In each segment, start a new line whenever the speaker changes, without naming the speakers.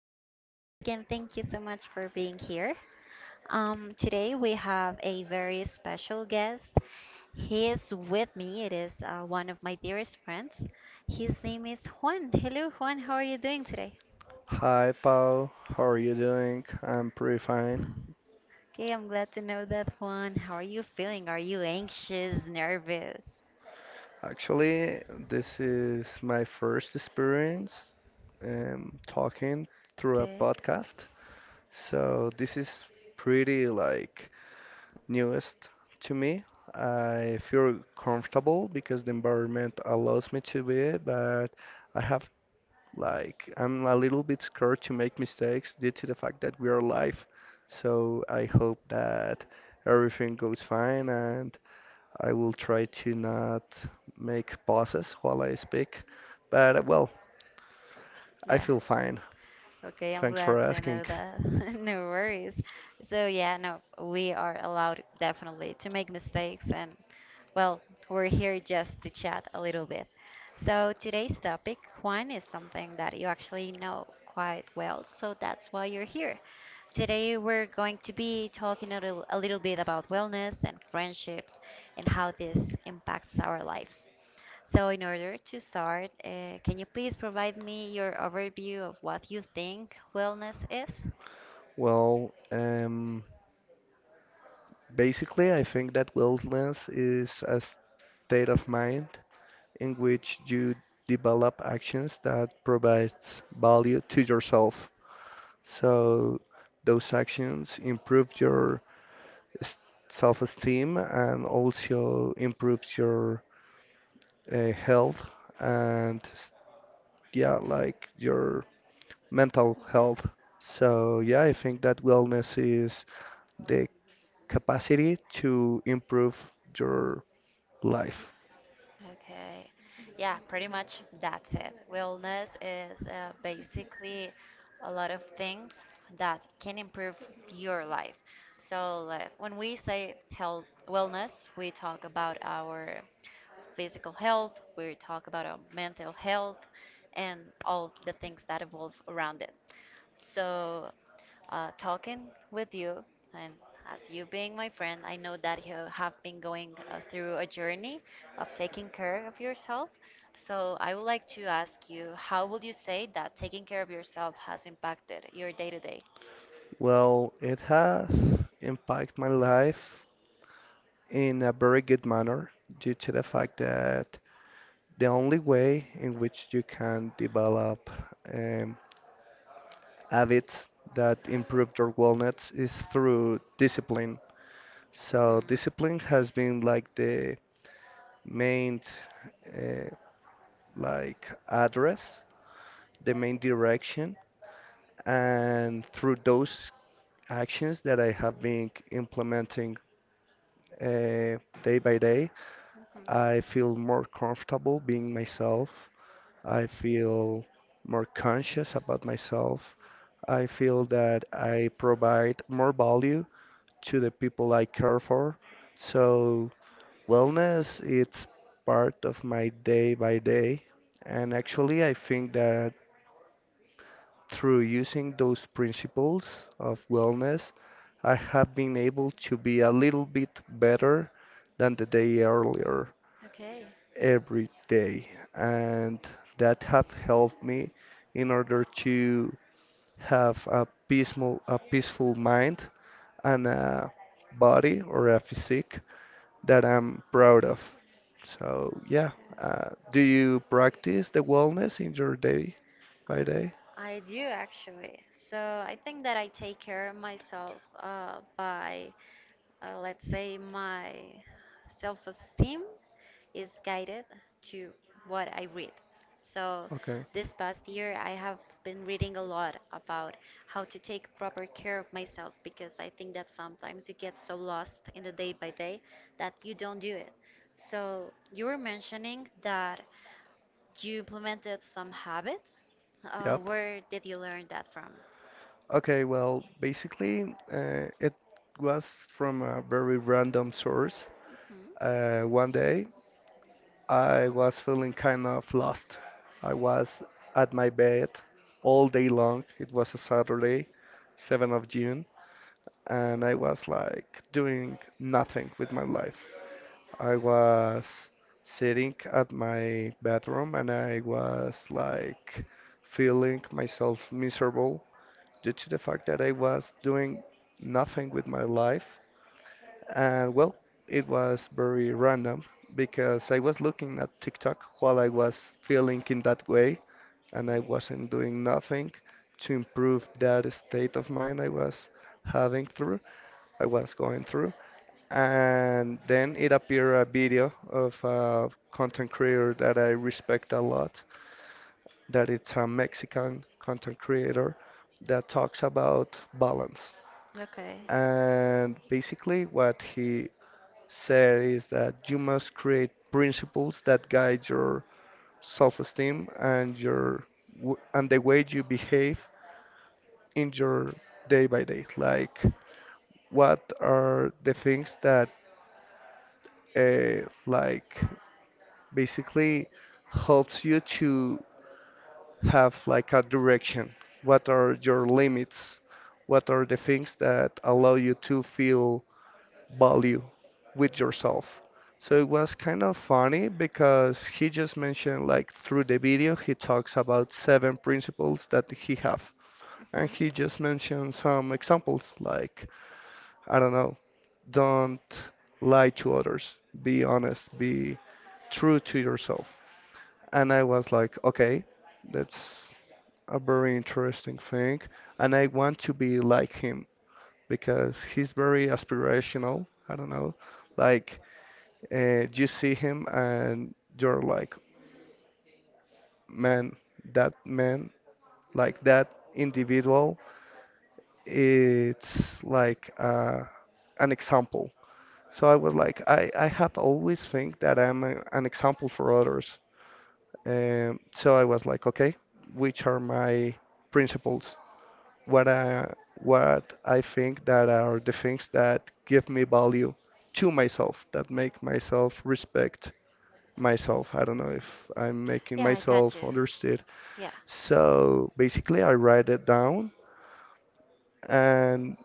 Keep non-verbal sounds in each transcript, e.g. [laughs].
podcast. Once again, thank you so much for being here. Today, we have a very special guest. He is with me. It is one of my dearest friends. His name is Juan. Hello, Juan. How are you doing today?
Hi, Paul. How are you doing? I'm pretty fine.
Okay, I'm glad to know that, Juan. How are you feeling? Are you anxious, nervous?
Actually, this is my first experience talking through a
Okay.
podcast. So this is pretty like newest to me. I feel comfortable because the environment allows me to be it, but I have like I'm a little bit scared to make mistakes due to the fact that we are live. So I hope that everything goes fine and I will try to not make pauses while I speak, but well, I
Yeah.
feel fine.
Okay, I'm
Thanks for
glad to
asking.
know that. [laughs] No worries. So, yeah, no, we are allowed definitely to make mistakes and well, we're here just to chat a little bit. So, today's topic, Juan, is something that you actually know quite well, so that's why you're here. Today, we're going to be talking a little bit about wellness and friendships and how this impacts our lives. So, in order to start, can you please provide me your overview of what you think wellness is?
Well, basically, I think that wellness is a state of mind in which you develop actions that provide value to yourself. So those actions improve your s- self-esteem and also improves your health and yeah, like your mental health. So yeah, I think that wellness is the capacity to improve your life.
Okay. Yeah, pretty much that's it. Wellness is basically a lot of things that can improve your life. So, like, when we say health wellness, we talk about our physical health, we talk about our mental health, and all the things that evolve around it. So, talking with you, and as you being my friend, I know that you have been going through a journey of taking care of yourself. So, I would like to ask you, how would you say that taking care of yourself has impacted your day to day?
Well, it has impacted my life in a very good manner due to the fact that the only way in which you can develop um, habits that improve your wellness is through discipline. So
Mhm,
discipline has been like main uh, like address, the main direction, and through those actions that I have been implementing day by day,
mhm.
I feel more comfortable being myself. I feel more conscious about myself. I feel that I provide more value to the people I care for. So wellness it's part of my day by day. And actually I think that through using those principles of wellness, I have been able to be a little bit better than the day earlier
Okay.
every day. And that have helped me in order to have a peaceful mind and a body or a physique that I'm proud of. So yeah,
Okay.
do you practice the wellness in your day by day?
I do actually. So I think that I take care of myself by let's say, my self-esteem is guided to what I read. So,
Okay.
this past year, I have been reading a lot about how to take proper care of myself because I think that sometimes you get so lost in the day by day that you don't do it. So, you were mentioning that you implemented some habits.
Yep.
Where did you learn that from?
Okay, well, basically, it was from a very random source.
Hmm.
One day, I was feeling kind of lost. I was at my bed all day long. It was a Saturday, 7th of June, and I was like doing nothing with my life. I was sitting at my bathroom and I was like feeling myself miserable due to the fact that I was doing nothing with my life. And well, it was very random because I was looking at TikTok while I was feeling in that way and I
Okay.
wasn't doing nothing to improve that state of mind having through, I was going through. And then it appeared a video of a content creator that I respect a lot, that it's a Mexican content creator that talks about balance.
Okay.
And basically, what he said is that you must create principles that guide your self-esteem and your and the way you behave in your day by day. Like, what are the things that like basically helps you to have like a direction. What are your limits? What are the things that allow you to feel value with yourself? So it was kind of funny because he just mentioned like through the video he talks about seven principles that he have and
Hmm.
he just mentioned some examples like I don't know, don't lie to others, be honest, be true to yourself. And I was like, okay, that's a very interesting thing. And I want to be like him because he's very aspirational. I don't know. Like, you see him and you're like, man, that man, like that individual, it's like an example. So I was like, I have always think that I'm an example for others. So I was like, okay, which are my principles? What I think that are the things that give me value to myself, that make myself respect myself. I don't know if I'm making
Yeah, I got
myself
you.
understood.
Yeah,
So basically, I write it down and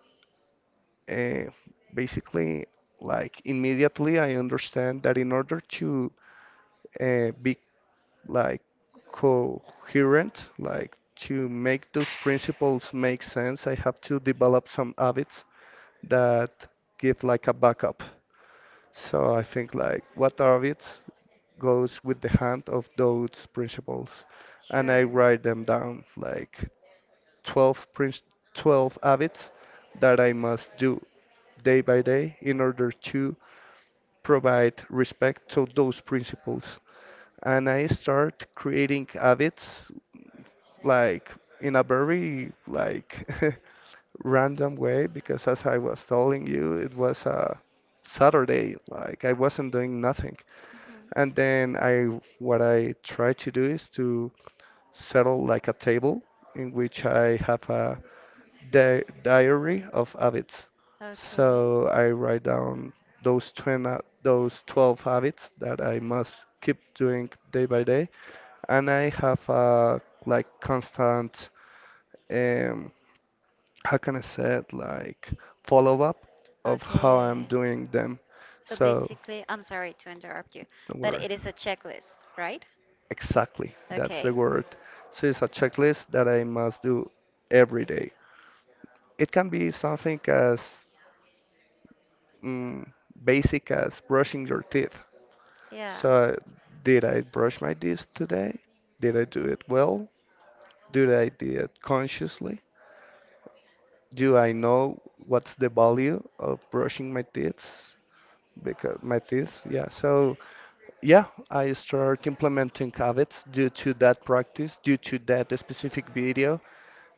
uh, basically, like immediately, I understand that in order to be like coherent, like to make those principles make sense, I have to develop some habits that give like a backup. So I think like what orbits goes with the hand of those principles, and I
sure.
write them down like 12 prin 12 habits that I must do day by day in order to provide respect to those principles. And I start creating habits like in a very like [laughs] random way because as I was telling you, it was a Saturday, like I wasn't doing nothing.
Mhm.
And then I what I try to do is to settle like a table in which I have a di diary of habits.
Okay.
So I write down those 20, those 12 habits that I must keep doing day by day, and I have a like constant how can I say it, like follow up of how
Okay.
I'm doing them.
So
So
basically, I'm sorry to interrupt you,
don't
but
worry.
it is a checklist, right?
Exactly, that's the
Okay, sure.
word. So it's a checklist that I must do every day. It can be something as mm, basic as brushing your teeth.
Yeah.
So, did I brush my teeth today? Did I do it well? Did I do it consciously? Do I know what's the value of brushing my teeth? Because my teeth, yeah. So yeah, I start implementing habits due to that practice, due to that specific video,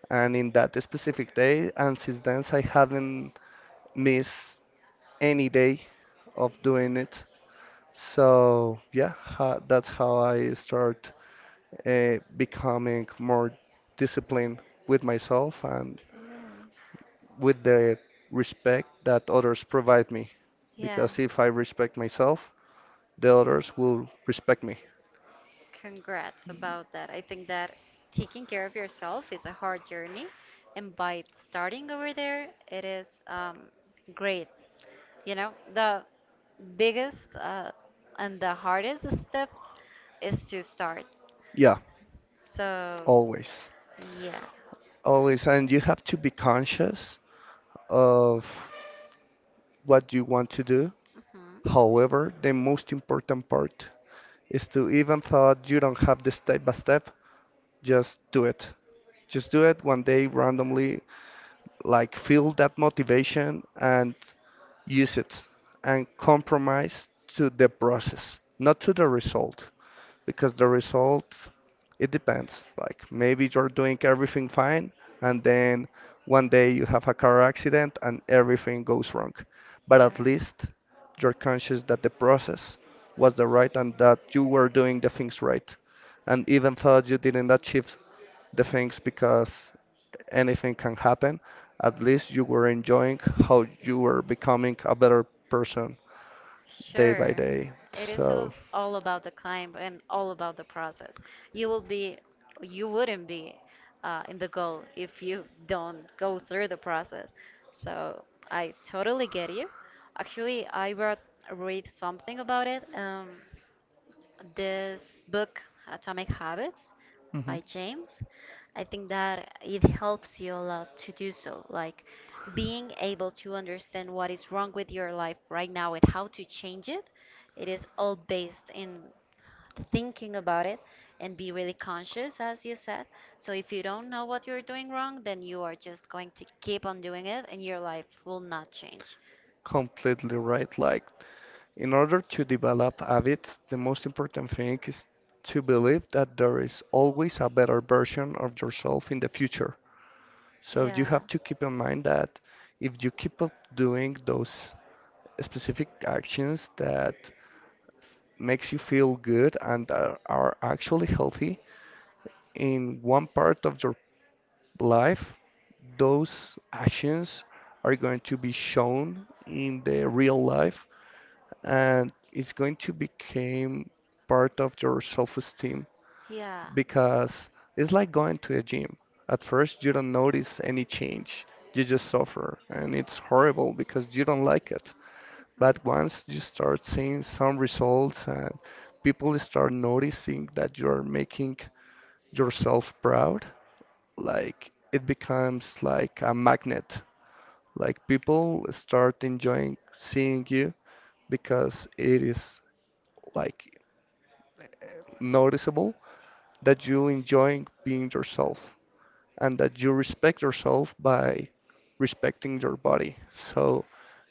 and in that specific day. And since then, I haven't missed any day of doing it. So yeah, ha that's how I start becoming more disciplined with myself and
Okay.
with the respect that others provide me.
Yeah.
Because if I respect myself, the others will respect me.
Congrats about that. I think that taking care of yourself is a hard journey, and by starting over there, it is great. You know, the biggest and the hardest step is to start.
Yeah,
So,
always.
yeah.
Always. And you have to be conscious of what you want to do.
Hmm.
However, the most important part is to even though you don't have the step by step, just do it. Just do it one day randomly, like feel that motivation and use it and compromise to the process, not to the result. Because the result it depends. Like maybe you're doing everything fine, and then one day you have a car accident and everything goes wrong. But at least you're conscious that the process was the right and that you were doing the things right. And even though you didn't achieve the things because anything can happen, at least you were enjoying how you were becoming a better person day by
Sure.
day.
It is
So,
all about the climb and all about the process. You will be, you wouldn't be in the goal if you don't go through the process. So I totally get you. Actually, I wrote read something about it. This book, Atomic Habits
mhm.
by James, I think that it helps you a lot to do so. Like being able to understand what is wrong with your life right now and how to change it, it is all based in thinking about it and be really conscious, as you said. So if you don't know what you're doing wrong, then you are just going to keep on doing it and your life will not change.
Completely right. Like, in order to develop habits, the most important thing is to believe that there is always a better version of yourself in the future. So you
Yeah.
have to keep in mind that if you keep up doing those specific actions that makes you feel good and are actually healthy in one part of your life, those actions are going to be shown in the real life and it's going to become part of your self-esteem
Yeah.
because it's like going to a gym. At first, you don't notice any change. You just suffer, and it's horrible because you don't like it. But once you start seeing some results and people start noticing that you're making yourself proud, like it becomes like a magnet. Like people start enjoying seeing you because it is like noticeable that you enjoy being yourself and that you respect yourself by respecting your body. So,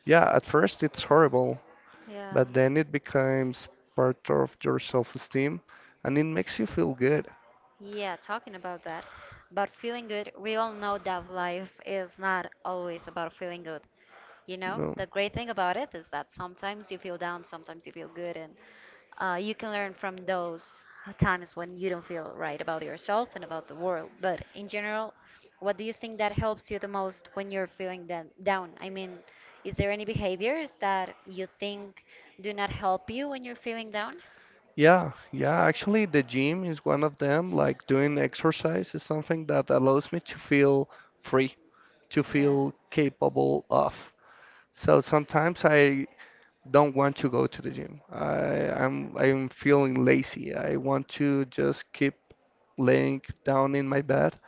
yeah, at first it's horrible,
Yeah.
but then it becomes part of your self-esteem and it makes you feel good.
Yeah, talking about that, about feeling good, we all know that life is not always about feeling good. You know,
No.
the great thing about it is that sometimes you feel down, sometimes you feel good, and you can learn from those times when you don't feel right about yourself and about the world. But in general, what do you think that helps you the most when you're feeling down? I mean, is there any behaviors that you think do not help you when you're feeling down?
Yeah, yeah, actually, the gym is one of them. Like doing exercise is something that allows me to feel free, to
Yeah.
feel capable of. So sometimes I don't want to go to the gym. I'm feeling lazy. I want to just keep laying down in my bed.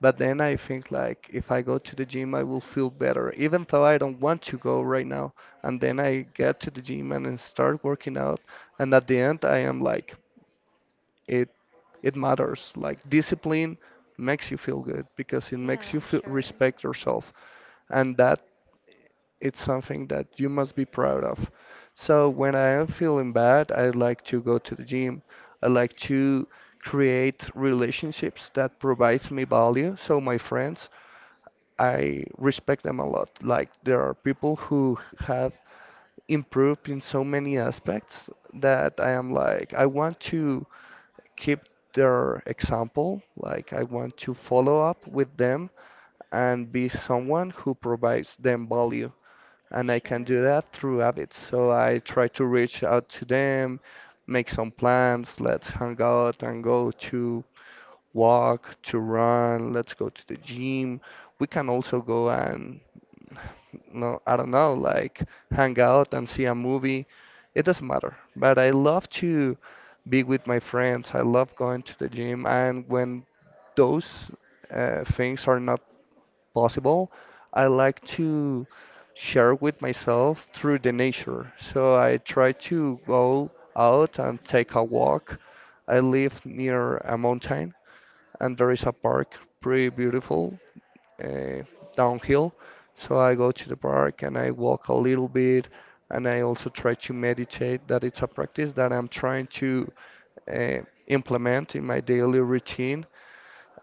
But then I think like if I go to the gym, I will feel better, even though I don't want to go right now. And then I get to the gym and then start working out. And at the end, I am like it it matters. Like discipline makes you feel good because it makes you
Yeah,
feel,
sure.
respect yourself, and that it's something that you must be proud of. So when I am feeling bad, I like to go to the gym. I like to create relationships that provides me value. So my friends, I respect them a lot. Like there are people who have improved in so many aspects that I am like, I want to keep their example. Like, I want to follow up with them and be someone who provides them value. And I can do
Sure.
that through habits. So I try to reach out to them, make some plans, let's hang out and go to walk, to run, let's go to the gym. We can also go and, no, I don't know, like hang out and see a movie. It doesn't matter. But I love to be with my friends. I love going to the gym. And when those things are not possible, I like to share with myself through the nature. So I try to go out and take a walk. I live near a mountain, and there is a park, pretty beautiful, uh, downhill. So I go to the park and I walk a little bit, and I also try to meditate. That it's a practice that I'm trying to uh, implement in my daily routine.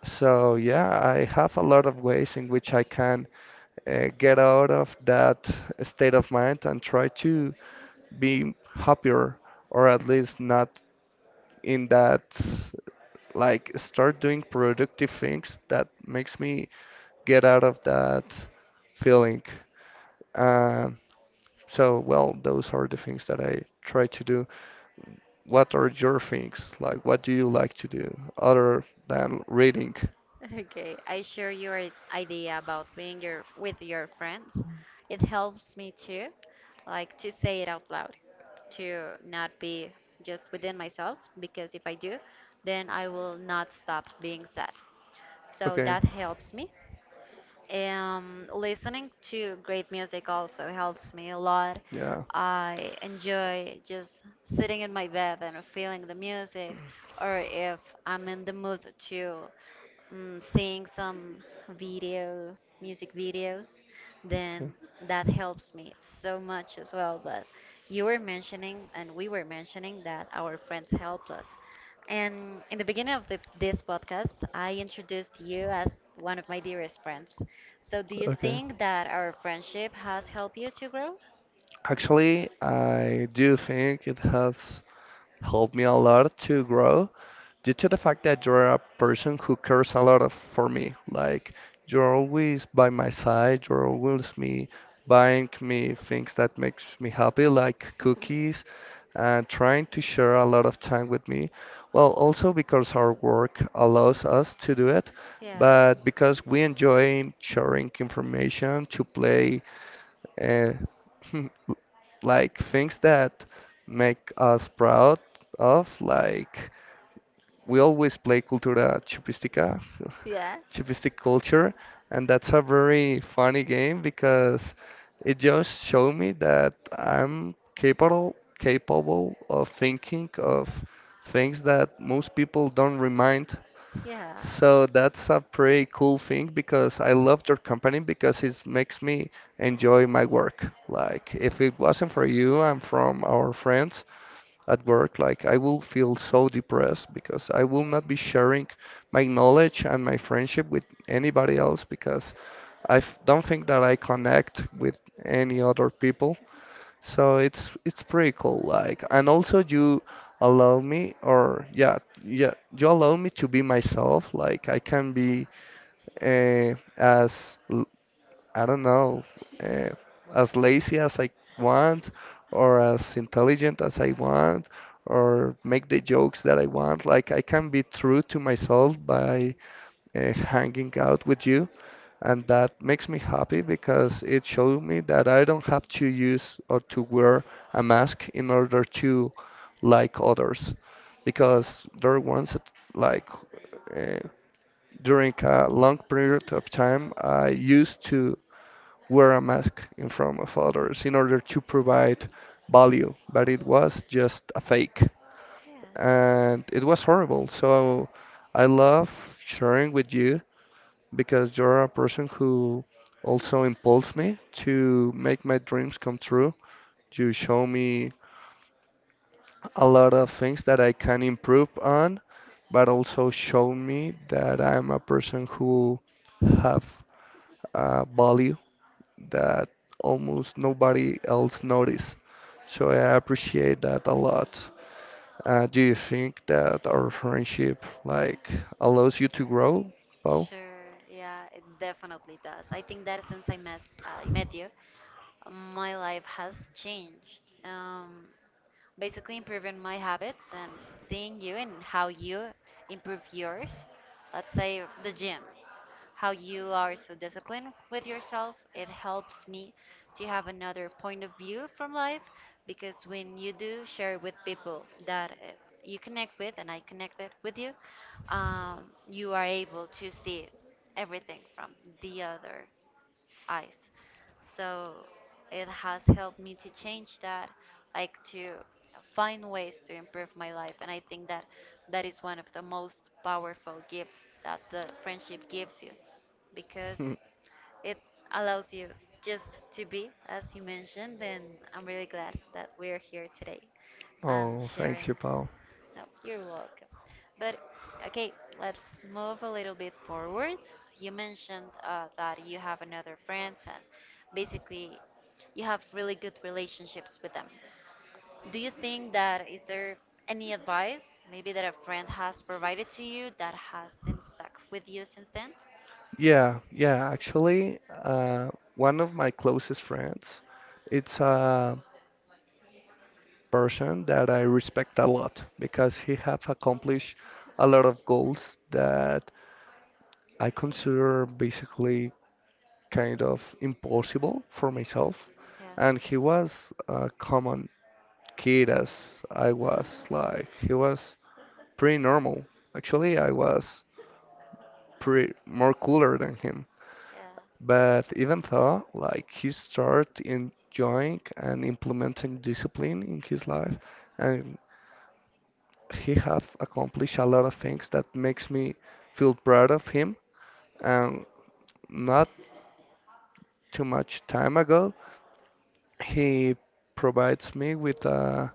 So yeah, I have a lot of ways in which I can get out of that state of mind and try to be happier or at least not in that like start doing productive things that makes me get out of that feeling. Um, so, well, those are the things that I try to do. What are your things? Like, what do you like to do other than reading?
Okay, I share your idea about being your with your friends. It helps me too, like to say it out loud, to not be just within myself, because if I do, then I will not stop being sad. So
Okay,
that helps me. Listening to great music also helps me a lot.
yeah.
I enjoy just sitting in my bed and feeling the music, or if I'm in the mood to seeing some video, music videos, then that helps me so much as well. But you were mentioning, and we were mentioning that our friends helped us. And in the beginning of this podcast, I introduced you as one of my dearest friends. So, do you
Okay. Okay.
think that our friendship has helped you to grow?
Actually, I do think it has helped me a lot to grow due to the fact that you're a person who cares a lot of, for me. Like you're always by my side, you're always me buying me things that makes me happy, like cookies,
[laughs]
and trying to share a lot of time with me. Well, also because our work allows us to do it, but because we enjoy sharing information, to play uh, [laughs] like things that make us proud of. Like we always play cultura chupistica,
Yeah.
[laughs] chupistic culture, and that's a very funny game because it just showed me that I'm capable of thinking of things that most people don't remind,
Yeah.
so that's a pretty cool thing because I love your company because it makes me enjoy my work. Like if it wasn't for you and from our friends at work, like I will feel so depressed because I will not be sharing my knowledge and my friendship with anybody else because don't think that I connect with any other people. So it's pretty cool, like, and also you allow me, or yeah, you allow me to be myself. Like I can be uh, as l- I don't know, uh, as lazy as I want, or as intelligent as I want, or make the jokes that I want. Like I can be true to myself by hanging out with you, and that makes me happy because it showed me that I don't have to use or to wear a mask in order to like others,
Yeah.
because there once it- like uh, during a long period of time I used to wear a mask in front of others in order to provide value, but it was just a fake.
Yeah.
And it was horrible. So I love sharing with you because you're a person who also impulsed me to make my dreams come true. You show me a lot of things that I can improve on, but also show me that I'm a person who have value that almost nobody else noticed. So I appreciate that a lot. Do you think that our friendship like allows you to grow, Paul?
Sure. Yeah, it definitely does. I think that since I met you, my life has changed. Basically improving my habits and seeing you and how you improve yours. Let's say the gym, how you are so disciplined with yourself. It helps me to have another point of view from life because when you do share with people that you connect with and I connected with you,
[laughs]
you are able to see everything from the other eyes. So it has helped me to change that, like to find ways to improve my life. And I think that that is one of the most powerful gifts that the friendship gives you
Hmm.
because it allows you just to be, as you mentioned, and I'm really glad that we're here today and
Oh, thanks,
sharing.
you, Paul.
No, you're welcome. But okay, let's move a little bit forward. You mentioned that you have another friends and basically you have really good relationships with them. Do you think that is there any advice maybe that a friend has provided to you that has been stuck with you since then?
Yeah, yeah. Actually, one of my closest friends, it's a person that I respect a lot because he have accomplished a lot of goals that I consider basically kind of impossible for myself.
Yeah.
And he was a common kid as I was. Like he was pretty normal. Actually, I was pretty more cooler than him.
Yeah.
But even though, like he started enjoying and implementing discipline in his life, and he have accomplished a lot of things that makes me feel proud of him. And not too much time ago, he provides me with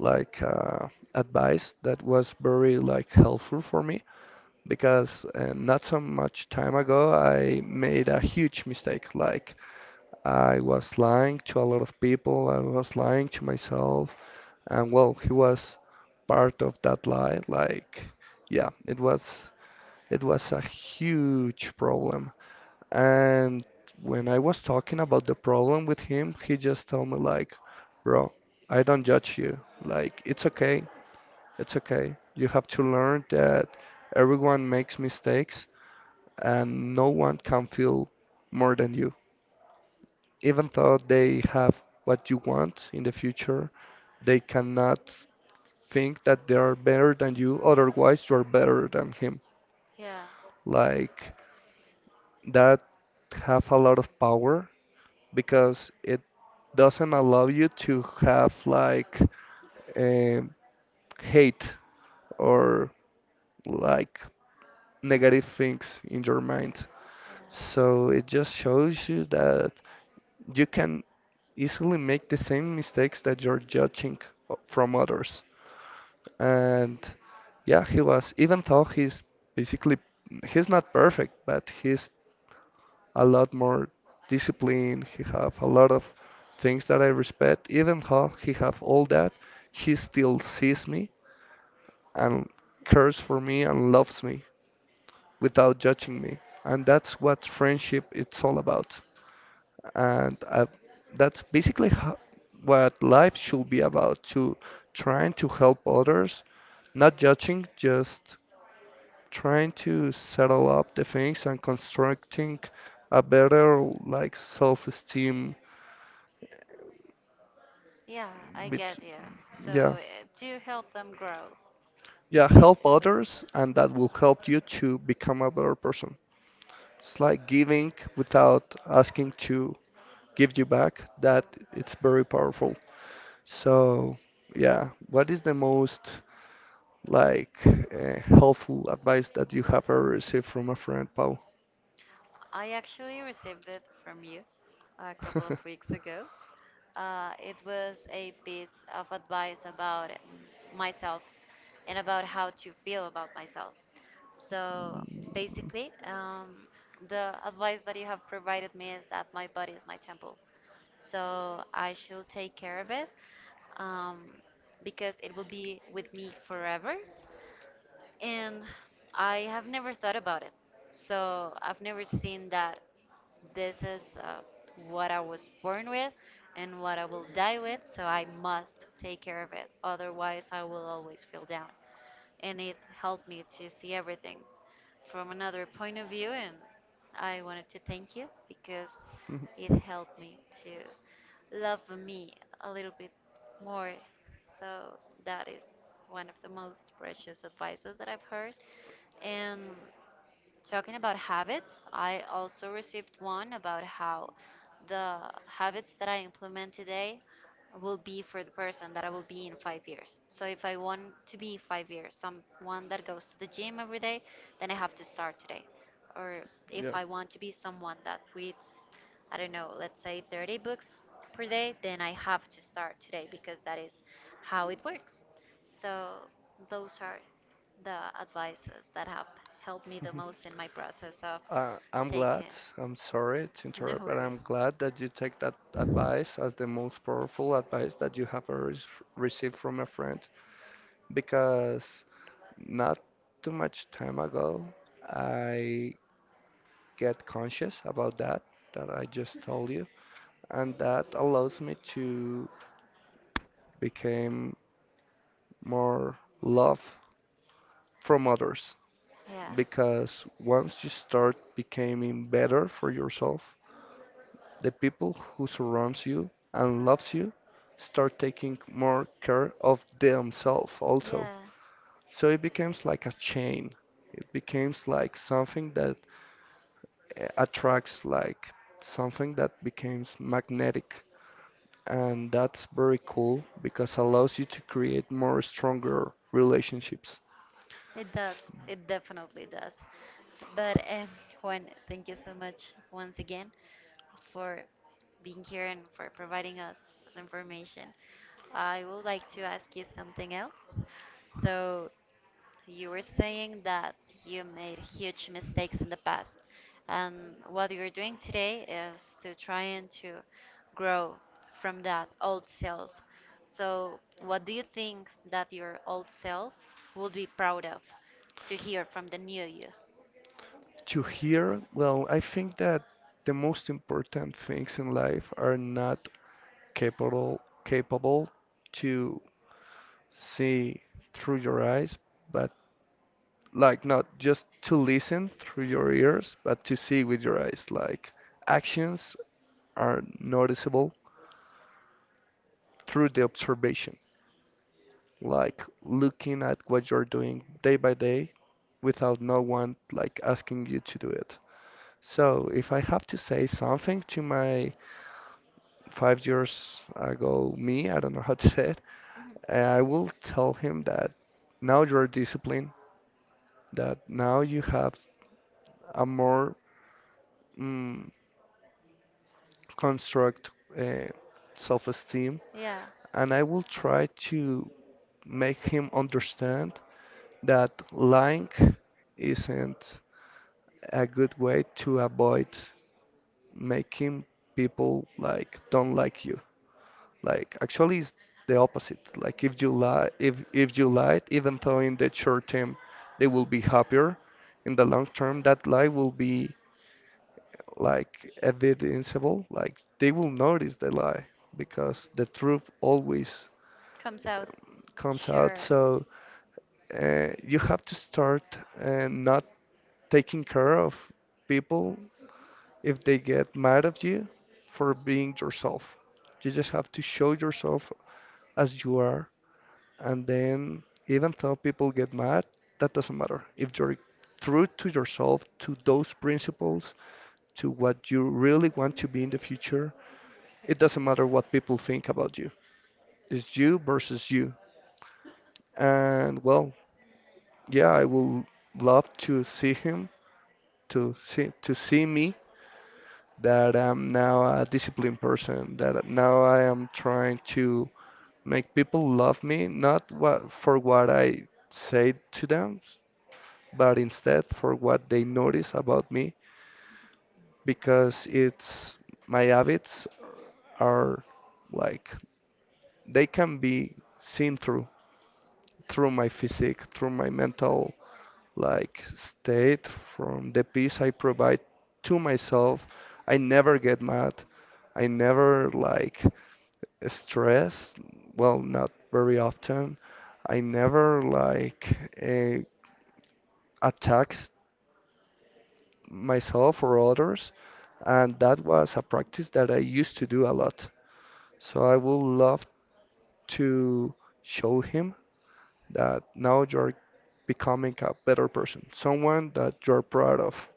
like uh, advice that was very like helpful for me because not so much time ago I made a huge mistake. Like I was lying to a lot of people, I was lying to myself, and well, he was part of that lie. Like yeah, it was a huge problem. And when I was talking about the problem with him, he just told me like, "Bro, I don't judge you. Like, it's okay. It's okay. You have to learn that everyone makes mistakes and no one can feel more than you. Even though they have what you want in the future, they cannot think that they are better than you. Otherwise, you are better than him.
Yeah.
Like, that have a lot of power because it doesn't allow you to have like um, hate or like negative things in your mind. So
Yeah.
it just shows you that you can easily make the same mistakes that you're judging from others. And yeah, he was, even though he's basically, he's not perfect, but he's a lot more discipline. He have a lot of things that I respect. Even though he have all that, he still sees me and cares for me and loves me without judging me. And that's what friendship it's all about. And I, that's basically what life should be about, to trying to help others, not judging, just trying to settle up the things and constructing a better like self-esteem
Yeah, I
bet,
get you. So
yeah,
do help them grow,
yeah, help
basically.
others and that will help you to become a better person. It's like giving without asking to give you back, that it's very powerful. So yeah, what is the most like helpful advice that you have ever received from a friend, Paul?
I actually received it from you a couple of
[laughs]
weeks ago. It was a piece of advice about myself and about how to feel about myself. So basically, the advice that you have provided me is that my body is my temple. So I should take care of it um, because it will be with me forever. And I have never thought about it. So I've never seen that this is what I was born with and what I will die with. So I must take care of it. Otherwise, I will always feel down and it helped me to see everything from another point of view and I wanted to thank you because it helped me to love me a little bit more. So that is one of the most precious advices that I've heard. And talking about habits, I also received one about how the habits that I implement today will be for the person that I will be in 5 years. So if I want to be 5 years, someone that goes to the gym every day, then I have to start today. Or if
Yeah.
I want to be someone that reads, I don't know, let's say 30 books per day, then I have to start today because that is how it works. So those are the advices that have helped me the most
[laughs]
in my process of
I'm glad.
taking.
I'm sorry to
[laughs] No
interrupt, but
worries.
I'm glad that you take that advice as the most powerful advice that you have ever received from a friend. Because not too much time ago, I get conscious about that that I just told you, and that allows me to become more love from others
Yeah.
because once you start becoming better for yourself, the people who surrounds you and loves you start taking more care of themselves also.
Yeah,
So it becomes like a chain. It becomes like something that attracts, like something that becomes magnetic. And that's very cool because allows you to create more stronger relationships.
it does. It definitely does. But Juan, thank you so much once again for being here and for providing us this information. I would like to ask you something else. So, you were saying that you made huge mistakes in the past, and what you're doing today is to trying to grow from that old self. So, what do you think that your old self would be proud of to hear from the new you? [laughs]
To hear, well, I think that the most important things in life are not capable to see through your eyes, but like not just to listen through your ears, but to see with your eyes. Like actions are noticeable through the observation, like looking at what you're doing day by day without no one like asking you to do it. So if I have to say something to my 5 years ago me, I don't know how to say it,
Mhm.
I will tell him that now you're disciplined, that now you have a more mm, construct uh, self-esteem,
Yeah,
and I will try to make him understand that lying isn't a good way to avoid making people like don't like you. Like actually, it's the opposite. Like if you lie, if you lied, even though in the short term they will be happier, in the long term that lie will be like evidenceable. Like they will notice the lie because the truth always
comes out.
comes out.
Sure.
So you have to start not taking care of people if they get mad at you for being yourself. You just have to show yourself as you are. And then, even though people get mad, that doesn't matter. If you're true to yourself, to those principles, to what you really want to be in the future, it doesn't matter what people think about you. It's you versus you. And well, yeah, I will love to see him, to see me that I'm now a disciplined person, that now I am trying to make people love me, not what for what I say to them, but instead for what they notice about me because it's my habits are like they can be seen through my physique, through my mental like state, from the peace I provide to myself. I never get mad. I never like stress. Well, not very often. I never like uh, attack myself or others. And that was a practice that I used to do a lot. So I would love to show him that now you're becoming a better person, someone that you're proud of.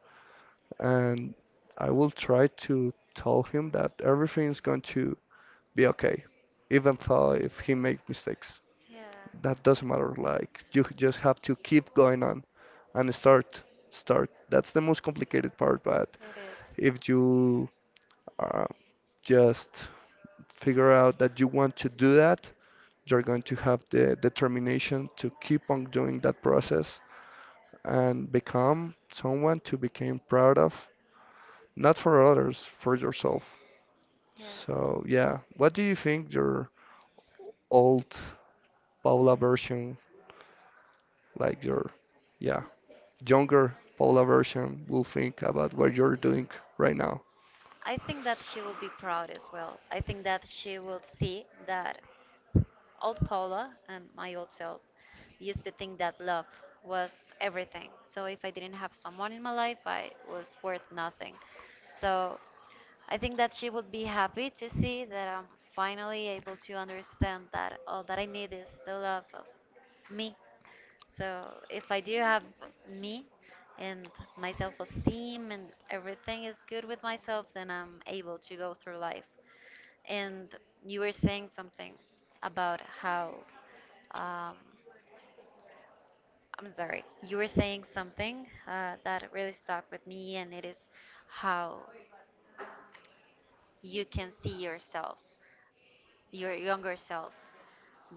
And I will try to tell him that everything's going to be okay, even though if he makes mistakes.
Yeah,
That doesn't matter. Like you just have to keep going on and start. That's the most complicated part, but
it is.
if you uh, just figure out that you want to do that, you're going to have the determination to keep on doing that process and become someone to become proud of, not for others, for yourself.
Yeah.
So yeah, what do you think your old Paula
So
version, like your yeah, younger Paula version will think about what you're doing right now?
I think that she will be proud as well. I think that she will see that old Paula and my old self used to think that love was everything. So if I didn't have someone in my life, I was worth nothing. So I think that she would be happy to see that I'm finally able to understand that all that I need is the love of me. So if I do have me and my self-esteem and everything is good with myself, then I'm able to go through life. And you were saying something about how, um, you were saying something that really stuck with me, and it is how you can see yourself, your younger self,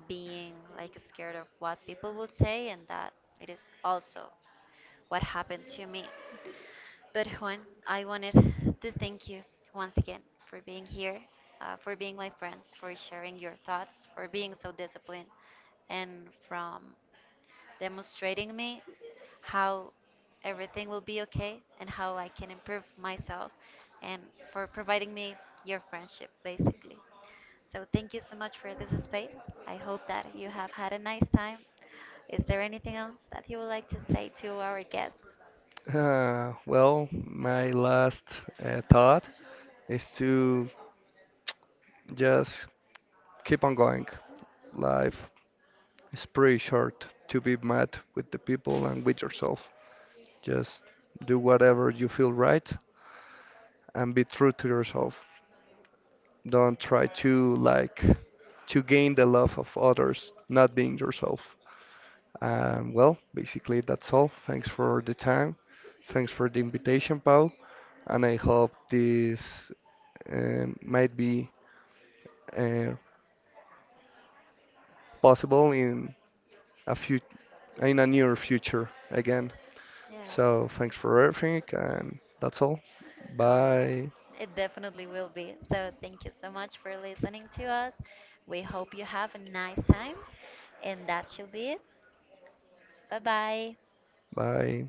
being like scared of what people would say, and that it is also what happened to me. But Juan, I wanted to thank you once again for being here, for being my friend, for sharing your thoughts, for being so disciplined, and from demonstrating me how everything will be okay and how I can improve myself, and for providing me your friendship, basically. So thank you so much for this space. I hope that you have had a nice time. Is there anything else that you would like to say to our guests?
Well, my last thought is to just keep on going. Life is pretty short to be mad with the people and with yourself. Just do whatever you feel right and be true to yourself. Don't try to like to gain the love of others not being yourself. And well, basically that's all. Thanks for the time. Thanks for the invitation, Paul. And I hope this might be uh, possible in a few in a near future again.
Yeah.
So thanks for everything, and that's all.
Oh,
Bye.
it definitely will be. So, thank you so much for listening to us. We hope you have a nice time, and that should be it. Bye bye.
Bye.